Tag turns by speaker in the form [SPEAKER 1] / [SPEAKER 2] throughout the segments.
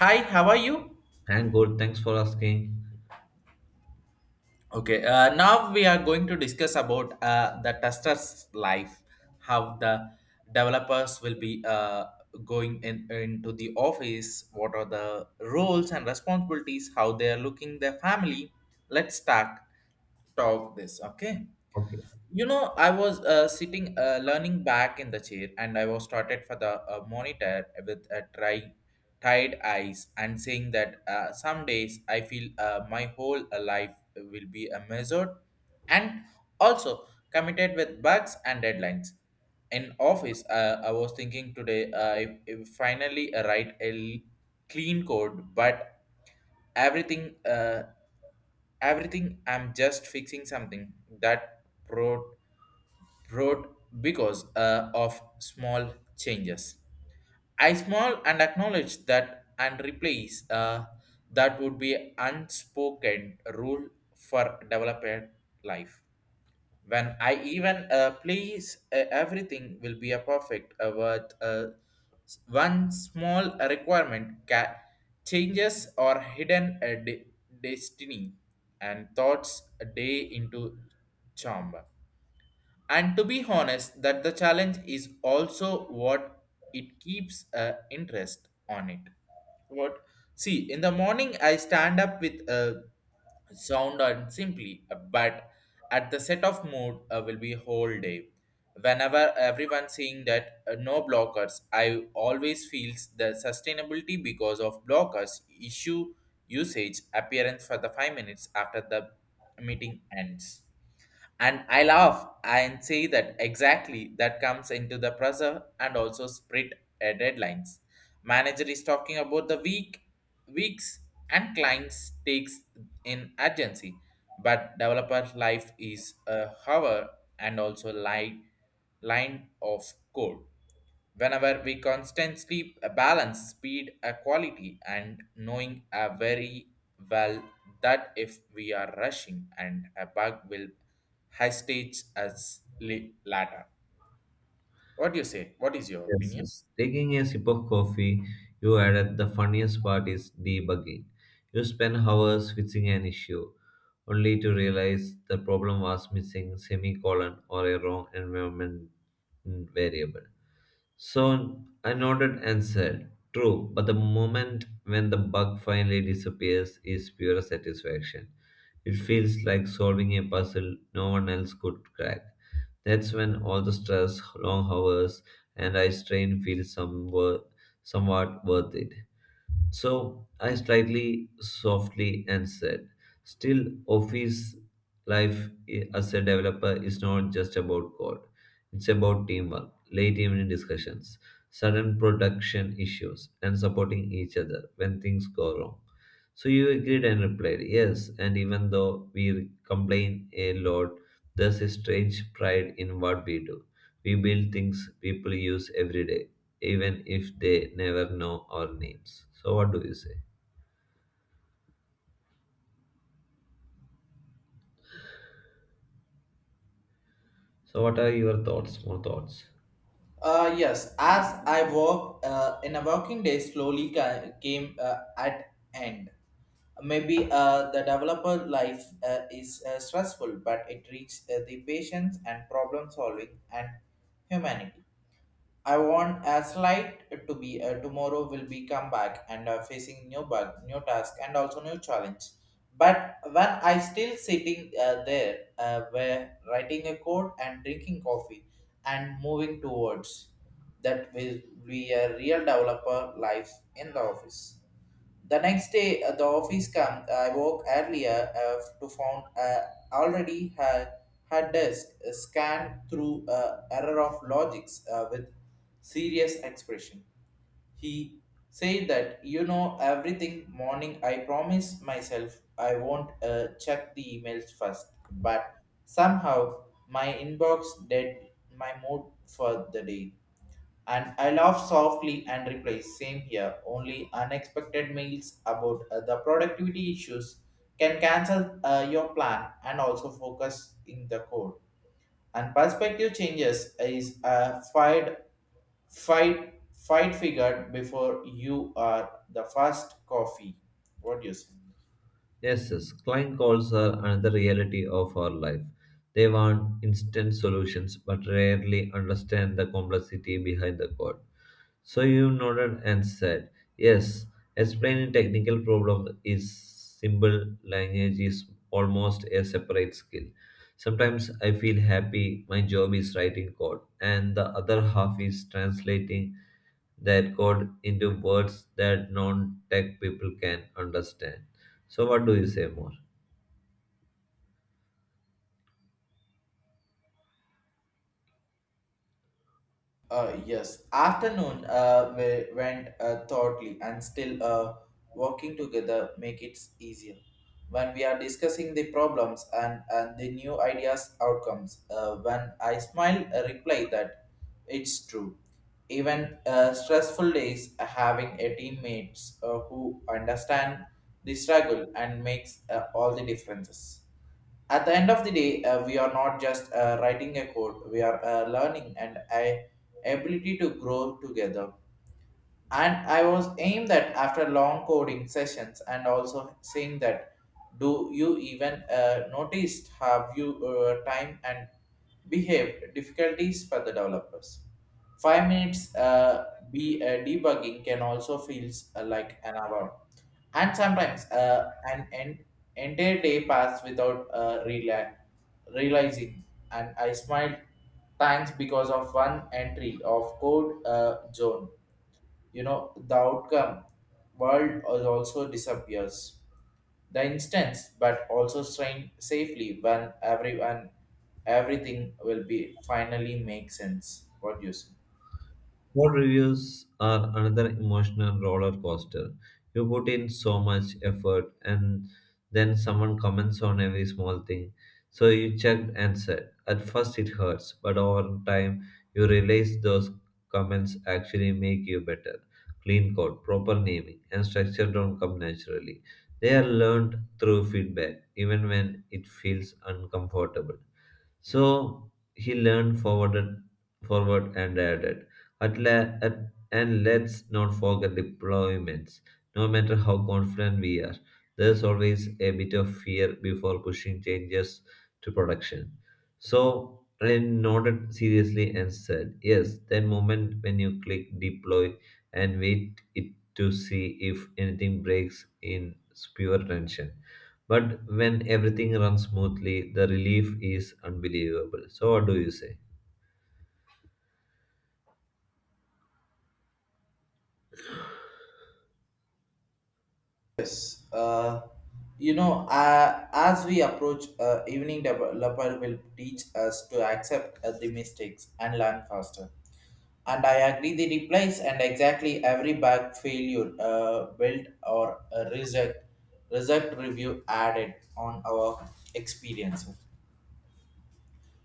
[SPEAKER 1] Hi, how are you?
[SPEAKER 2] I'm good. Thanks for asking.
[SPEAKER 1] Okay, now we are going to discuss about the tester's life, how the developers will be going into the office, what are the roles and responsibilities, how they are looking their family. Let's start talk this, okay?
[SPEAKER 2] Okay.
[SPEAKER 1] You know, I was sitting, learning back in the chair, and I was started for the monitor with a tired eyes and saying that some days I feel my whole life will be a measured and also committed with bugs and deadlines. In office, I was thinking today I finally write a clean code, but everything uh, everything I'm just fixing something that road because of small changes. I small and acknowledge that and replace that would be unspoken rule for developed life. When I even please everything will be a perfect but one small requirement changes or hidden destiny and thoughts a day into chamber. And to be honest, that the challenge is also what it keeps interest on it. What? See, in the morning I stand up with a sound and simply, but at the set of mood will be whole day. Whenever everyone seeing that no blockers, I always feels the sustainability because of blockers issue usage appearance for the 5 minutes after the meeting ends, and I laugh and say that exactly that comes into the pressure and also split deadlines manager is talking about the weeks, and clients takes in urgency, but developer life is a hour and also line of code whenever we constantly balance speed a quality and knowing a very well that if we are rushing and a bug will high stage us later. What do you say? What is your
[SPEAKER 2] Yes,
[SPEAKER 1] opinion?
[SPEAKER 2] yes. Taking a sip of coffee, you added the funniest part is debugging. You spend hours fixing an issue, only to realize the problem was missing semicolon or a wrong environment variable. So I nodded and said, "True, but the moment when the bug finally disappears is pure satisfaction. It feels like solving a puzzle no one else could crack. That's when all the stress, long hours, and eye strain feels somewhat worth it." So I slightly softly and said, "Still, office life as a developer is not just about code, it's about teamwork, late evening discussions, sudden production issues, and supporting each other when things go wrong." So you agreed and replied, "Yes, and even though we complain a lot, there's a strange pride in what we do. We build things people use every day, even if they never know our names." So, what do you say? So, what are your thoughts? More thoughts?
[SPEAKER 1] Yes, as I work in a working day slowly came at end. Maybe the developer life is stressful, but it reaches the patience and problem solving and humanity. I want as light to be tomorrow will be come back and facing new bug, new task, and also new challenge. But when I still sitting there, where writing a code and drinking coffee and moving towards that will be a real developer life in the office. The next day, the office come. I woke earlier to found already had desk scanned through error of logics with serious expression. He said that you know everything. Morning, I promise myself I won't check the emails first, but somehow my inbox did my mood for the day. And I laughed softly and replied, same here, only unexpected mails about the productivity issues can cancel your plan and also focus in the code. And perspective changes is a fight figured before you are the first coffee. What do you say?
[SPEAKER 2] Yes, yes, client calls are another reality of our life. They want instant solutions but rarely understand the complexity behind the code. So you nodded and said, "Yes, explaining technical problem is simple language is almost a separate skill. Sometimes I feel happy my job is writing code and the other half is translating that code into words that non tech people can understand." So, what do you say more?
[SPEAKER 1] Yes. Afternoon, we went thoughtly and still working together make it easier. When we are discussing the problems and the new ideas outcomes, when I smile, reply that it's true. Even stressful days, having a teammates who understand the struggle and makes all the differences at the end of the day, we are not just writing a code, we are learning, and I ability to grow together. And I was aimed that after long coding sessions and also saying that, do you even noticed have you time and behave difficulties for the developers? 5 minutes be debugging can also feels like an hour, and sometimes an entire day pass without realizing. And I smiled thanks because of one entry of code zone, you know the outcome world also disappears the instance, but also strain safely when everyone everything will be finally make sense. What do you say?
[SPEAKER 2] What reviews are another emotional roller coaster. You put in so much effort, and then someone comments on every small thing. So, you checked and said, "At first, it hurts, but over time, you realize those comments actually make you better. Clean code, proper naming, and structure don't come naturally. They are learned through feedback, even when it feels uncomfortable." So he forward and added, "And let's not forget deployments. No matter how confident we are, there's always a bit of fear before pushing changes to production." So I nodded seriously and said, "Yes, that moment when you click deploy and wait it to see if anything breaks in pure tension. But when everything runs smoothly, the relief is unbelievable." So, what do you say?
[SPEAKER 1] Yes, as we approach evening developer will teach us to accept the mistakes and learn faster. And I agree the replies and exactly every bag failure built or a reject result review added on our experience.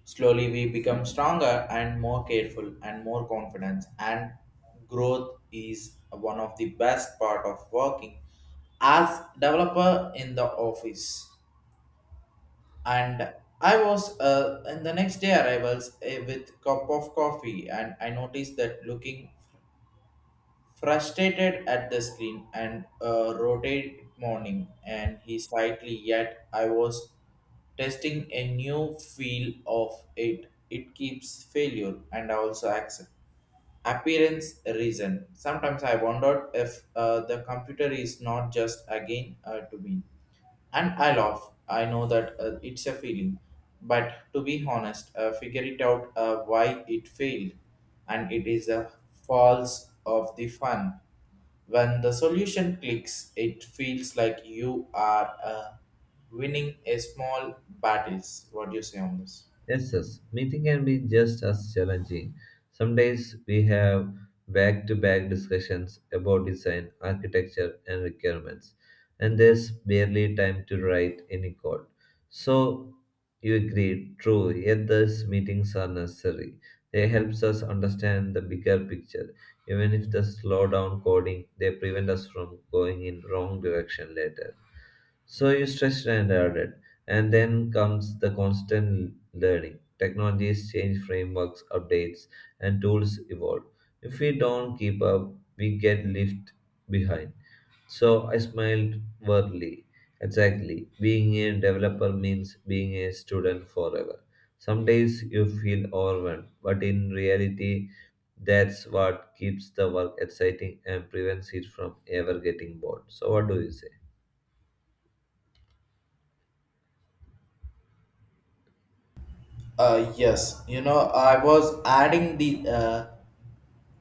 [SPEAKER 1] Slowly we become stronger and more careful and more confident, and growth is one of the best part of working as developer in the office. And I was in the next day arrivals with cup of coffee, and I noticed that looking frustrated at the screen and rotate morning, and he slightly yet I was testing a new feel of it keeps failure and also accept appearance reason. Sometimes I wondered if the computer is not just again to me. And I laugh. I know that it's a feeling. But to be honest, figure it out why it failed. And it is a false of the fun. When the solution clicks, it feels like you are winning a small battles. What do you say on this?
[SPEAKER 2] Yes, yes. Meeting can be just as challenging. Some days we have back to back discussions about design, architecture, and requirements, and there's barely time to write any code. So, you agree, "True, yet these meetings are necessary. They helps us understand the bigger picture. Even if they slow down coding, they prevent us from going in wrong direction later." So you stretched and added, "And then comes the constant learning. Technologies change frameworks, updates, and tools evolve. If we don't keep up, we get left behind." So I smiled wordly. "Exactly. Being a developer means being a student forever. Some days you feel overwhelmed, but in reality, that's what keeps the work exciting and prevents it from ever getting bored." So, what do you say?
[SPEAKER 1] Yes, you know, I was adding the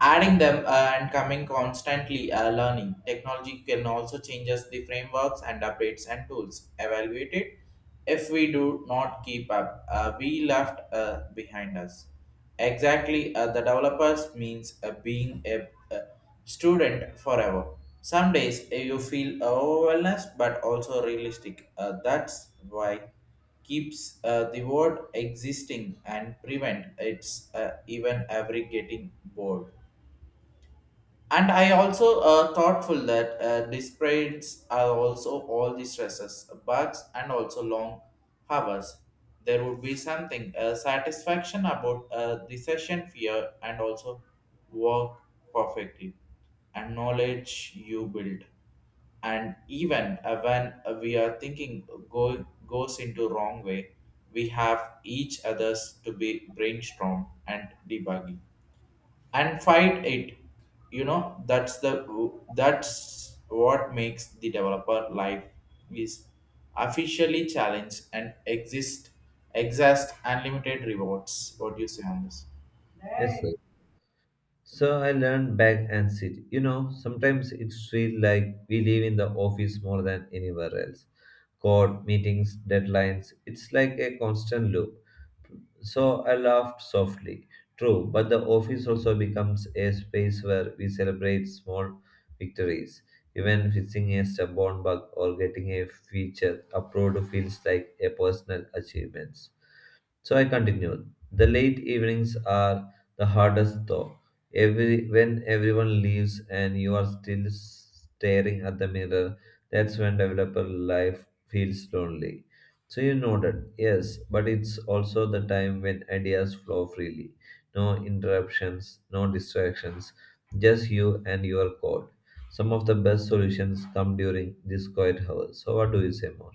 [SPEAKER 1] adding them and coming constantly learning. Technology can also change us the frameworks and updates and tools. Evaluate it if we do not keep up. We left behind us. Exactly, the developers means being the student forever. Some days you feel overwhelmed but also realistic. That's why keeps the word existing and prevent its even every getting bored. And I also thoughtful that despite are also all the stresses bugs and also long hours, there would be something satisfaction about the session fear and also work perfectly and knowledge you build. And even when we are thinking goes into wrong way, we have each others to be brainstorm and debugging and fight it. You know, that's what makes the developer life is officially challenged and exist unlimited rewards. What do you say on this?
[SPEAKER 2] Yes, sir. So I learned back and sit. You know, sometimes it feels like we live in the office more than anywhere else. Court, meetings, deadlines, it's like a constant loop. So I laughed softly. "True, but the office also becomes a space where we celebrate small victories. Even fixing a stubborn bug or getting a feature approved feels like a personal achievement." So I continued. "The late evenings are the hardest though. Every when everyone leaves and you are still staring at the mirror, that's when developer life feels lonely." So you nodded, "Yes, but it's also the time when ideas flow freely. No interruptions, no distractions, just you and your code. Some of the best solutions come during this quiet hour." So what do you say more?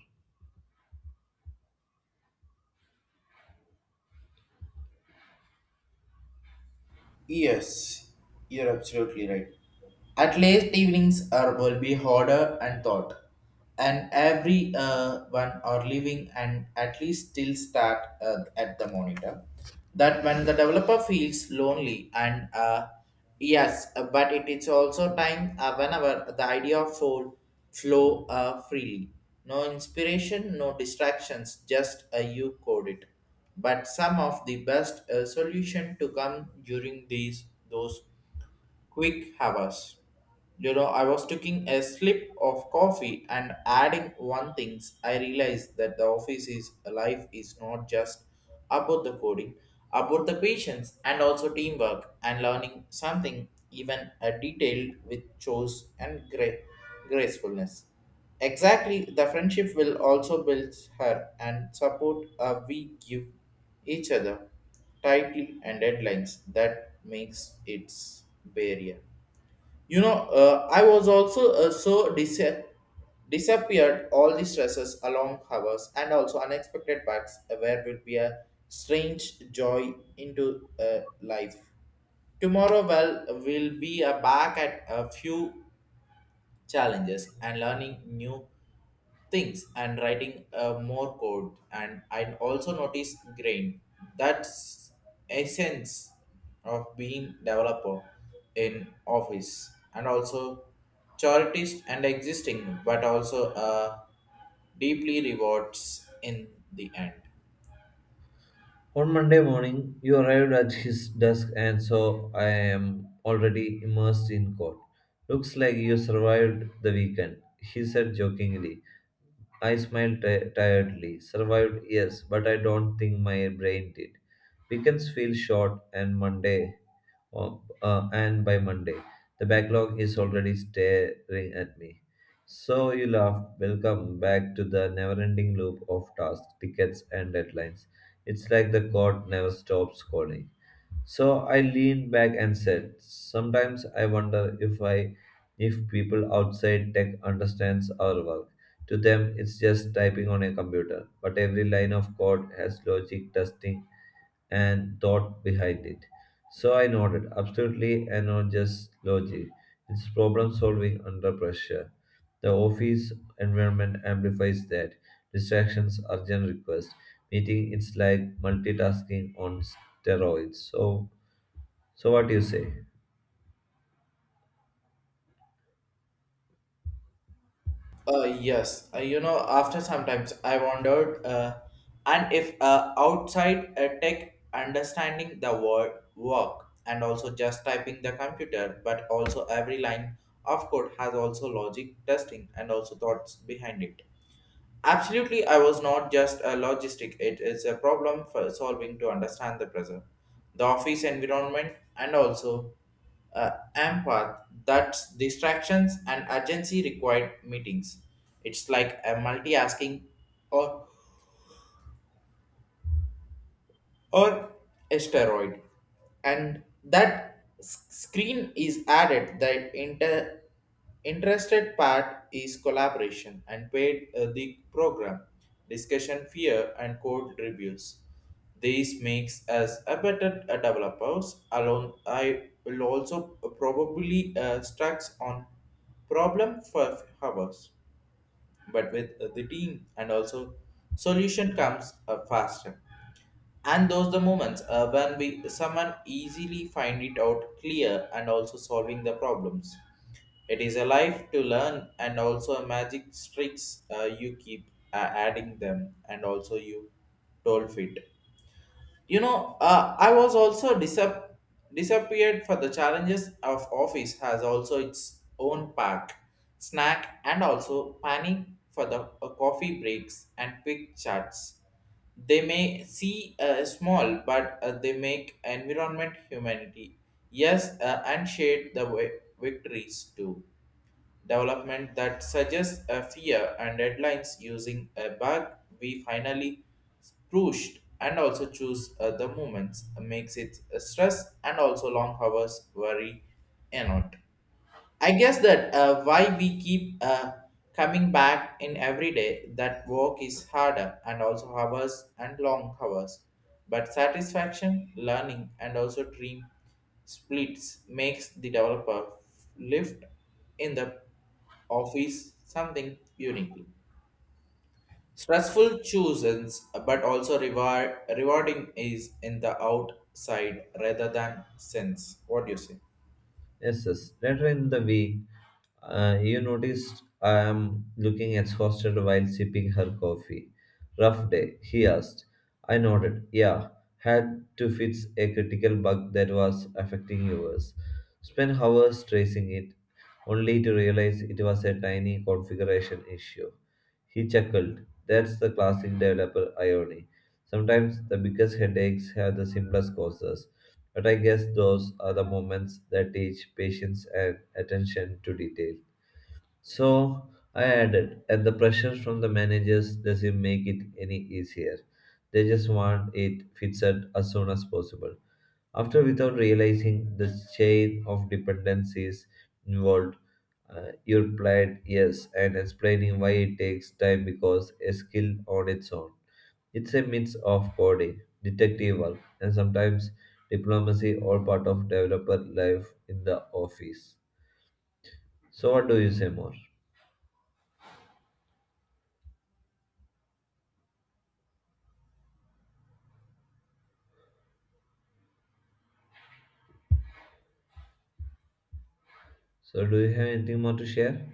[SPEAKER 1] Yes, you're absolutely right. At least evenings are will be harder and thought, and every one are leaving and at least still start at the monitor. That when the developer feels lonely, and yes, but it is also time whenever the idea of flow freely. No inspiration, no distractions, just you code it. But some of the best solution to come during these those quick hours. You know, I was taking a slip of coffee and adding one things. I realized that the office's life is not just about the coding, about the patience and also teamwork and learning something even a detail with choice and gracefulness. Exactly, the friendship will also build her and support we give each other tightly, and deadlines that makes its barrier. You know, I was also so disappeared all the stresses along hours and also unexpected bugs where would be a strange joy into life. Tomorrow, well, will be back at a few challenges and learning new things and writing more code, and I also noticed grain that's essence of being developer in office and also charities and existing, but also deeply rewards in the end.
[SPEAKER 2] On Monday morning, you arrived at his desk, and so I am already immersed in code. "Looks like you survived the weekend," he said jokingly. I smiled tiredly. "Survived, yes, but I don't think my brain did. Weekends feel short, and Monday uh, and by Monday. The backlog is already staring at me." So you laugh. "Welcome back to the never-ending loop of tasks, tickets, and deadlines. It's like the court never stops calling." So I leaned back and said, "Sometimes I wonder if people outside tech understands our work. To them, it's just typing on a computer, but every line of code has logic, testing, and thought behind it." So I nodded, "Absolutely, and not just logic. It's problem solving under pressure. The office environment amplifies that. Distractions, urgent requests, meeting. It's like multitasking on steroids." So, what do you say?
[SPEAKER 1] Yes, you know, after sometimes I wondered, and if outside tech understanding the word work and also just typing the computer, but also every line of code has also logic testing and also thoughts behind it. Absolutely, I was not just a logistic, it is a problem for solving to understand the present, the office environment, and also uh, empath that's distractions and urgency required meetings. It's like a multitasking or or asteroid, and that screen is added that interested part is collaboration and paid the program discussion fear and code reviews. This makes us a better developers alone, I will also probably struck on problem for hours, but with the team and also solution comes faster. And those the moments when we someone easily find it out clear and also solving the problems, it is a life to learn and also a magic tricks you keep adding them and also you told fit. You know, I was also disappeared for the challenges of office has also its own pack, snack, and also panic for the coffee breaks and quick chats. They may see small, but they make environment humanity. Yes, and shade the victories too development that suggests a fear and deadlines using a bug we finally pushed and also choose the movements makes it stress and also long hours worry and not. I guess that why we keep coming back in every day that work is harder and also hours and long hours. But satisfaction, learning, and also dream splits makes the developer lift in the office something uniquely. Stressful chooses, but also reward rewarding is in the outside rather than sense. What do you say?
[SPEAKER 2] Yes, yes. Later in the week, you noticed I am looking exhausted while sipping her coffee. "Rough day," he asked. I nodded. "Yeah, had to fix a critical bug that was affecting yours. Spent hours tracing it, only to realize it was a tiny configuration issue." He chuckled. "That's the classic developer irony. Sometimes the biggest headaches have the simplest causes. But I guess those are the moments that teach patience and attention to detail." So I added, "And the pressure from the managers doesn't make it any easier. They just want it fixed as soon as possible. After, without realizing the chain of dependencies involved, you replied yes and explaining why it takes time because a skill on its own. It's a mix of coding, detective work, and sometimes diplomacy, all part of developer life in the office." So, what do you say more? So, do you have anything more to share?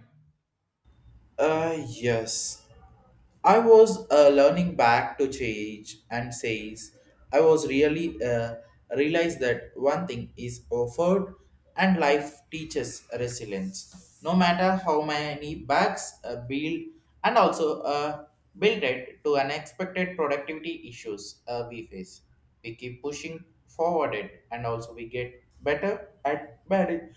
[SPEAKER 1] Yes. I was learning back to change and says I was really realized that one thing is offered and life teaches resilience. No matter how many bags build and also build it to unexpected productivity issues we face. We keep pushing forward it and also we get better at managing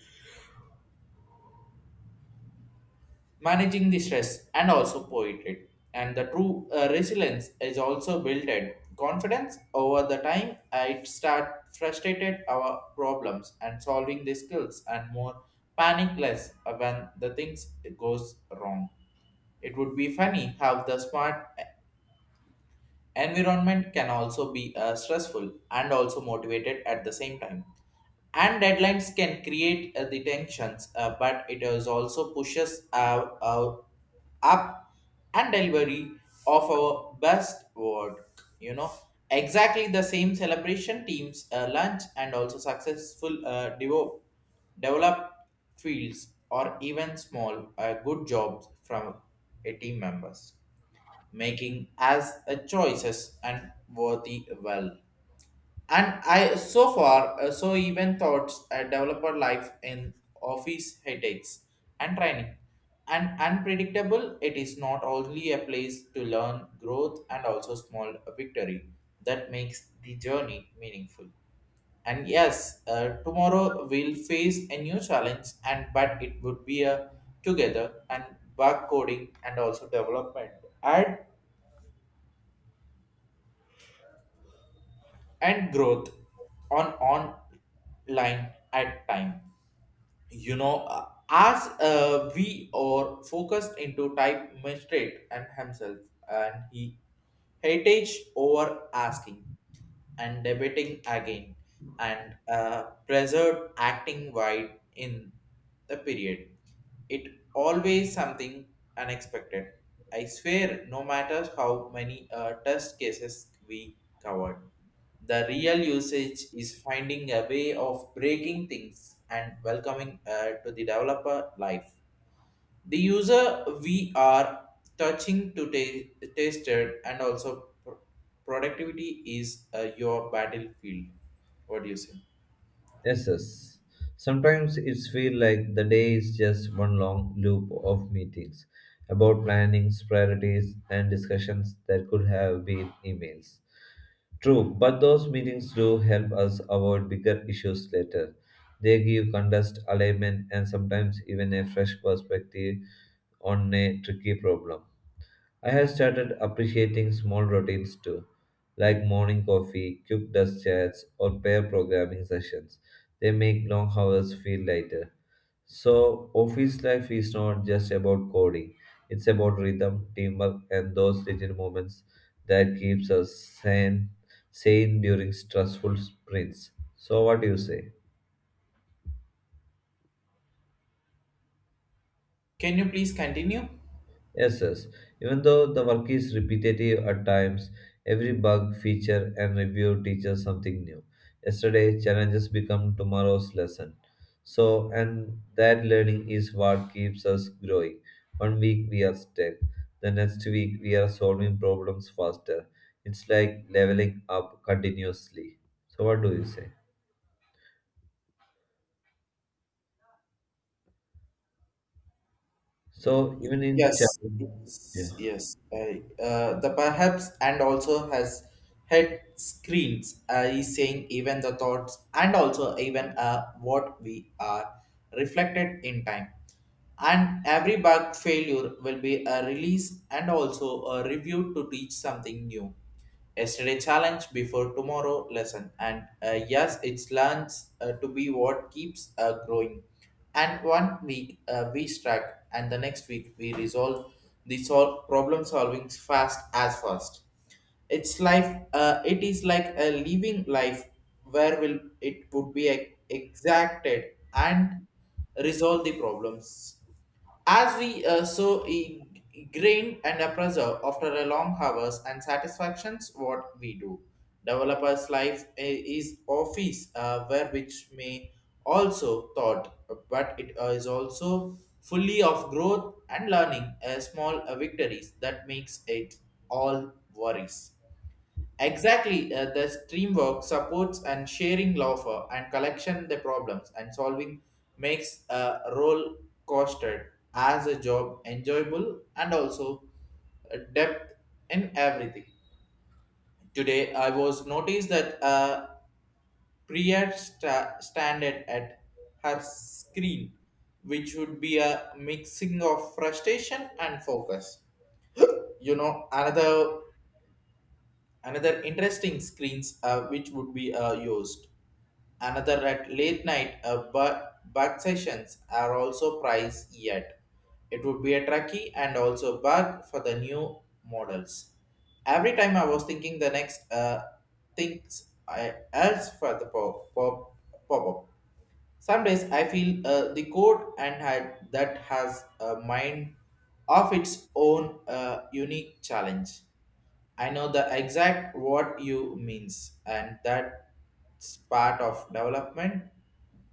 [SPEAKER 1] managing the stress and also poetry and the true resilience is also built in confidence over the time I start frustrated our problems and solving the skills and more panic less when the things goes wrong. It would be funny how the smart environment can also be stressful and also motivated at the same time. And deadlines can create the tensions, but it is also pushes up and delivery of our best work. Exactly the same celebration teams, lunch, and also successful develop fields or even small good jobs from a team members making as a choices and worthy well. And I so far so even thoughts a developer life in office headaches and training. And unpredictable, it is not only a place to learn growth and also small victory that makes the journey meaningful. And yes, tomorrow we'll face a new challenge, and but it would be a together and bug coding and also development. And and growth on online at time. As we are focused into type magistrate and himself and he heritage over asking and debating again and preserved acting wide in the period it always something unexpected. I swear no matter how many test cases we covered, the real usage is finding a way of breaking things and welcoming to the developer life. The user we are touching to tasted and also productivity is your battlefield. What do you say?
[SPEAKER 2] Yes, yes. Sometimes it's feel like the day is just one long loop of meetings about plannings, priorities, and discussions that could have been emails. "True, but those meetings do help us avoid bigger issues later. They give context, alignment, and sometimes even a fresh perspective on a tricky problem. I have started appreciating small routines too, like morning coffee, quick dust chats, or pair programming sessions. They make long hours feel lighter. So, office life is not just about coding. It's about rhythm, teamwork, and those little moments that keeps us sane during stressful sprints." So, what do you say?
[SPEAKER 1] Can you please continue?
[SPEAKER 2] Yes, yes. Even though the work is repetitive at times, every bug, feature, and review teaches something new. Yesterday, challenges become tomorrow's lesson. So, and that learning is what keeps us growing. One week we are stuck, the next week we are solving problems faster. It's like leveling up continuously. So, what do you say? So, even in
[SPEAKER 1] Yes,
[SPEAKER 2] challenge, yeah.
[SPEAKER 1] yes, yes. I the perhaps and also has head screens. Is saying even the thoughts and also even what we are reflected in time. And every bug failure will be a release and also a review to teach something new. Yesterday challenge before tomorrow lesson. And yes, it learns to be what keeps growing. And one week we struck, and the next week we resolve the solve problem solving fast as fast. It's life. It is like a living life where will it would be exacted and resolve the problems as we grained and a pressure after a long hours and satisfactions what we do. Developer's life is office where which may also thought, but it is also fully of growth and learning small victories that makes it all worries. Exactly, the streamwork supports and sharing laughter and collection the problems and solving makes a role costed as a job enjoyable and also depth in everything. Today, I was noticed that Priya standed at her screen, which would be a mixing of frustration and focus. you know another Another interesting screens which would be used. Another at late night bug sessions are also priced yet. It would be a tricky and also bug for the new models. Every time I was thinking the next things I else for the pop up. Some days I feel the code and had that has a mind of its own unique challenge. I know the exact what you means, and that's part of development,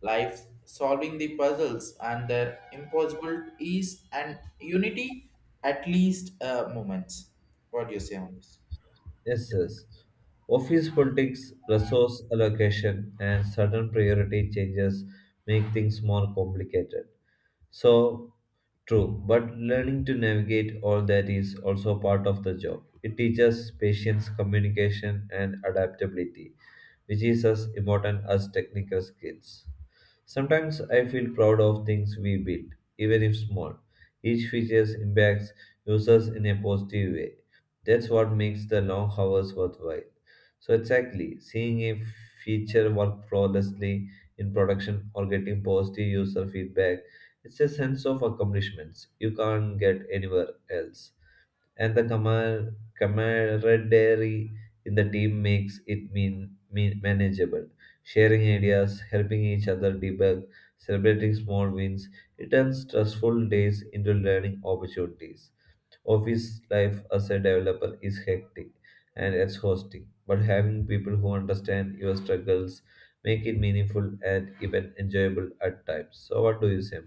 [SPEAKER 1] life, solving the puzzles, and their impossible ease and unity, at least moments. What do you say on this?
[SPEAKER 2] Yes, yes. Office politics, resource allocation, and sudden priority changes make things more complicated. So, true, but learning to navigate all that is also part of the job. It teaches patience, communication, and adaptability, which is as important as technical skills. Sometimes I feel proud of things we build, even if small. Each feature impacts users in a positive way. That's what makes the long hours worthwhile. So, exactly, seeing a feature work flawlessly in production or getting positive user feedback, it's a sense of accomplishments you can't get anywhere else and the camaraderie in the team makes it mean manageable. Sharing ideas, helping each other debug, celebrating small wins, it turns stressful days into learning opportunities. Office life as a developer is hectic and exhausting, but having people who understand your struggles make it meaningful and even enjoyable at times. So, what do you say?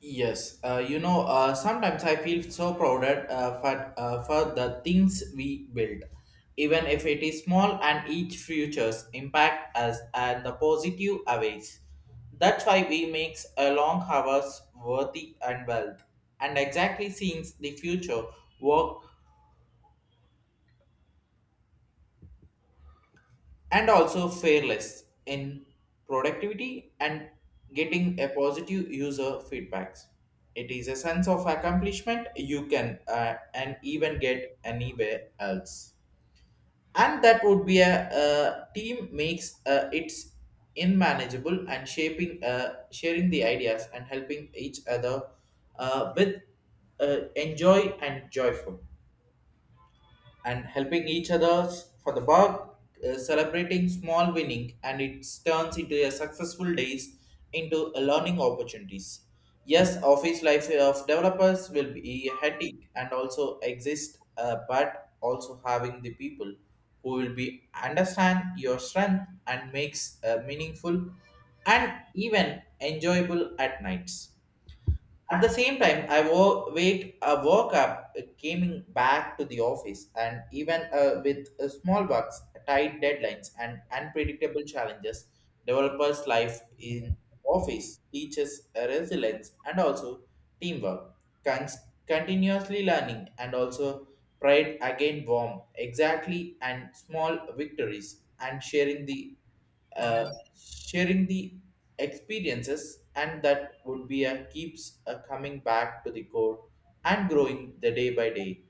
[SPEAKER 1] Yes, sometimes I feel so proud at, for the things we build, even if it is small and each future's impact us and the positive aways. That's why we makes a long hours worthy and wealth, and exactly seeing the future work and also fearless in productivity and getting a positive user feedbacks. It is a sense of accomplishment you can and even get anywhere else. And that would be a team makes it's unmanageable and shaping sharing the ideas and helping each other with enjoy and joyful and helping each other for the work, celebrating small winning, and it turns into a successful days into a learning opportunities. Yes, office life of developers will be hectic and also exist, but also having the people who will be understand your strength and makes meaningful and even enjoyable at nights. At the same time, I woke up, came back to the office, and even with small bugs, tight deadlines, and unpredictable challenges, developers' life in office teaches resilience and also teamwork, Cons- continuously learning, and also pride again warm, exactly, and small victories, and uh, sharing the experiences and that would be a keeps coming back to the core and growing the day by day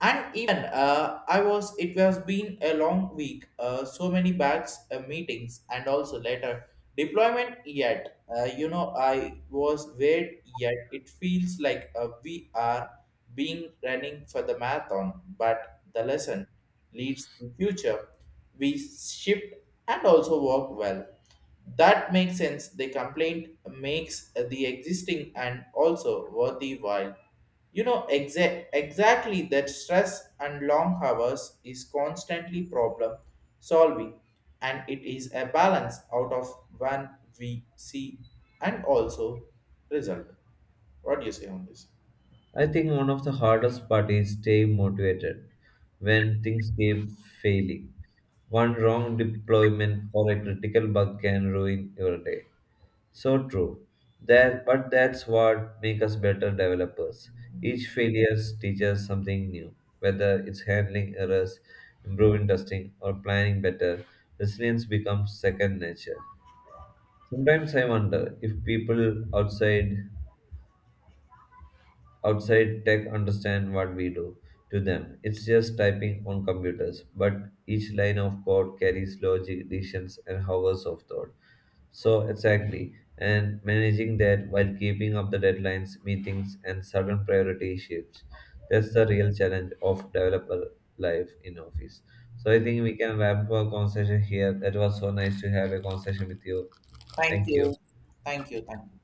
[SPEAKER 1] and even I was it was been a long week so many bags meetings and also later deployment yet I was weird yet it feels like we are being running for the marathon, but the lesson leads to future we shift and also work well that makes sense the complaint makes the existing and also worthy while. Exactly that stress and long hours is constantly problem solving, and it is a balance out of one we see and also result. What do you say on this?
[SPEAKER 2] I think one of the hardest part is staying motivated when things keep failing. One wrong deployment or a critical bug can ruin your day. So true. That, but that's what makes us better developers. Each failure teaches something new, whether it's handling errors, improving testing, or planning better. Resilience becomes second nature. Sometimes I wonder if people outside tech understand what we do to them. It's just typing on computers, but each line of code carries logic, decisions, and hours of thought. So, exactly, and managing that while keeping up the deadlines, meetings, and sudden priority shifts. That's the real challenge of developer life in office. So, I think we can wrap up our conversation here. That was so nice to have a conversation with you.
[SPEAKER 1] Thank
[SPEAKER 2] Thank you.
[SPEAKER 1] you. Thank you. Thank you.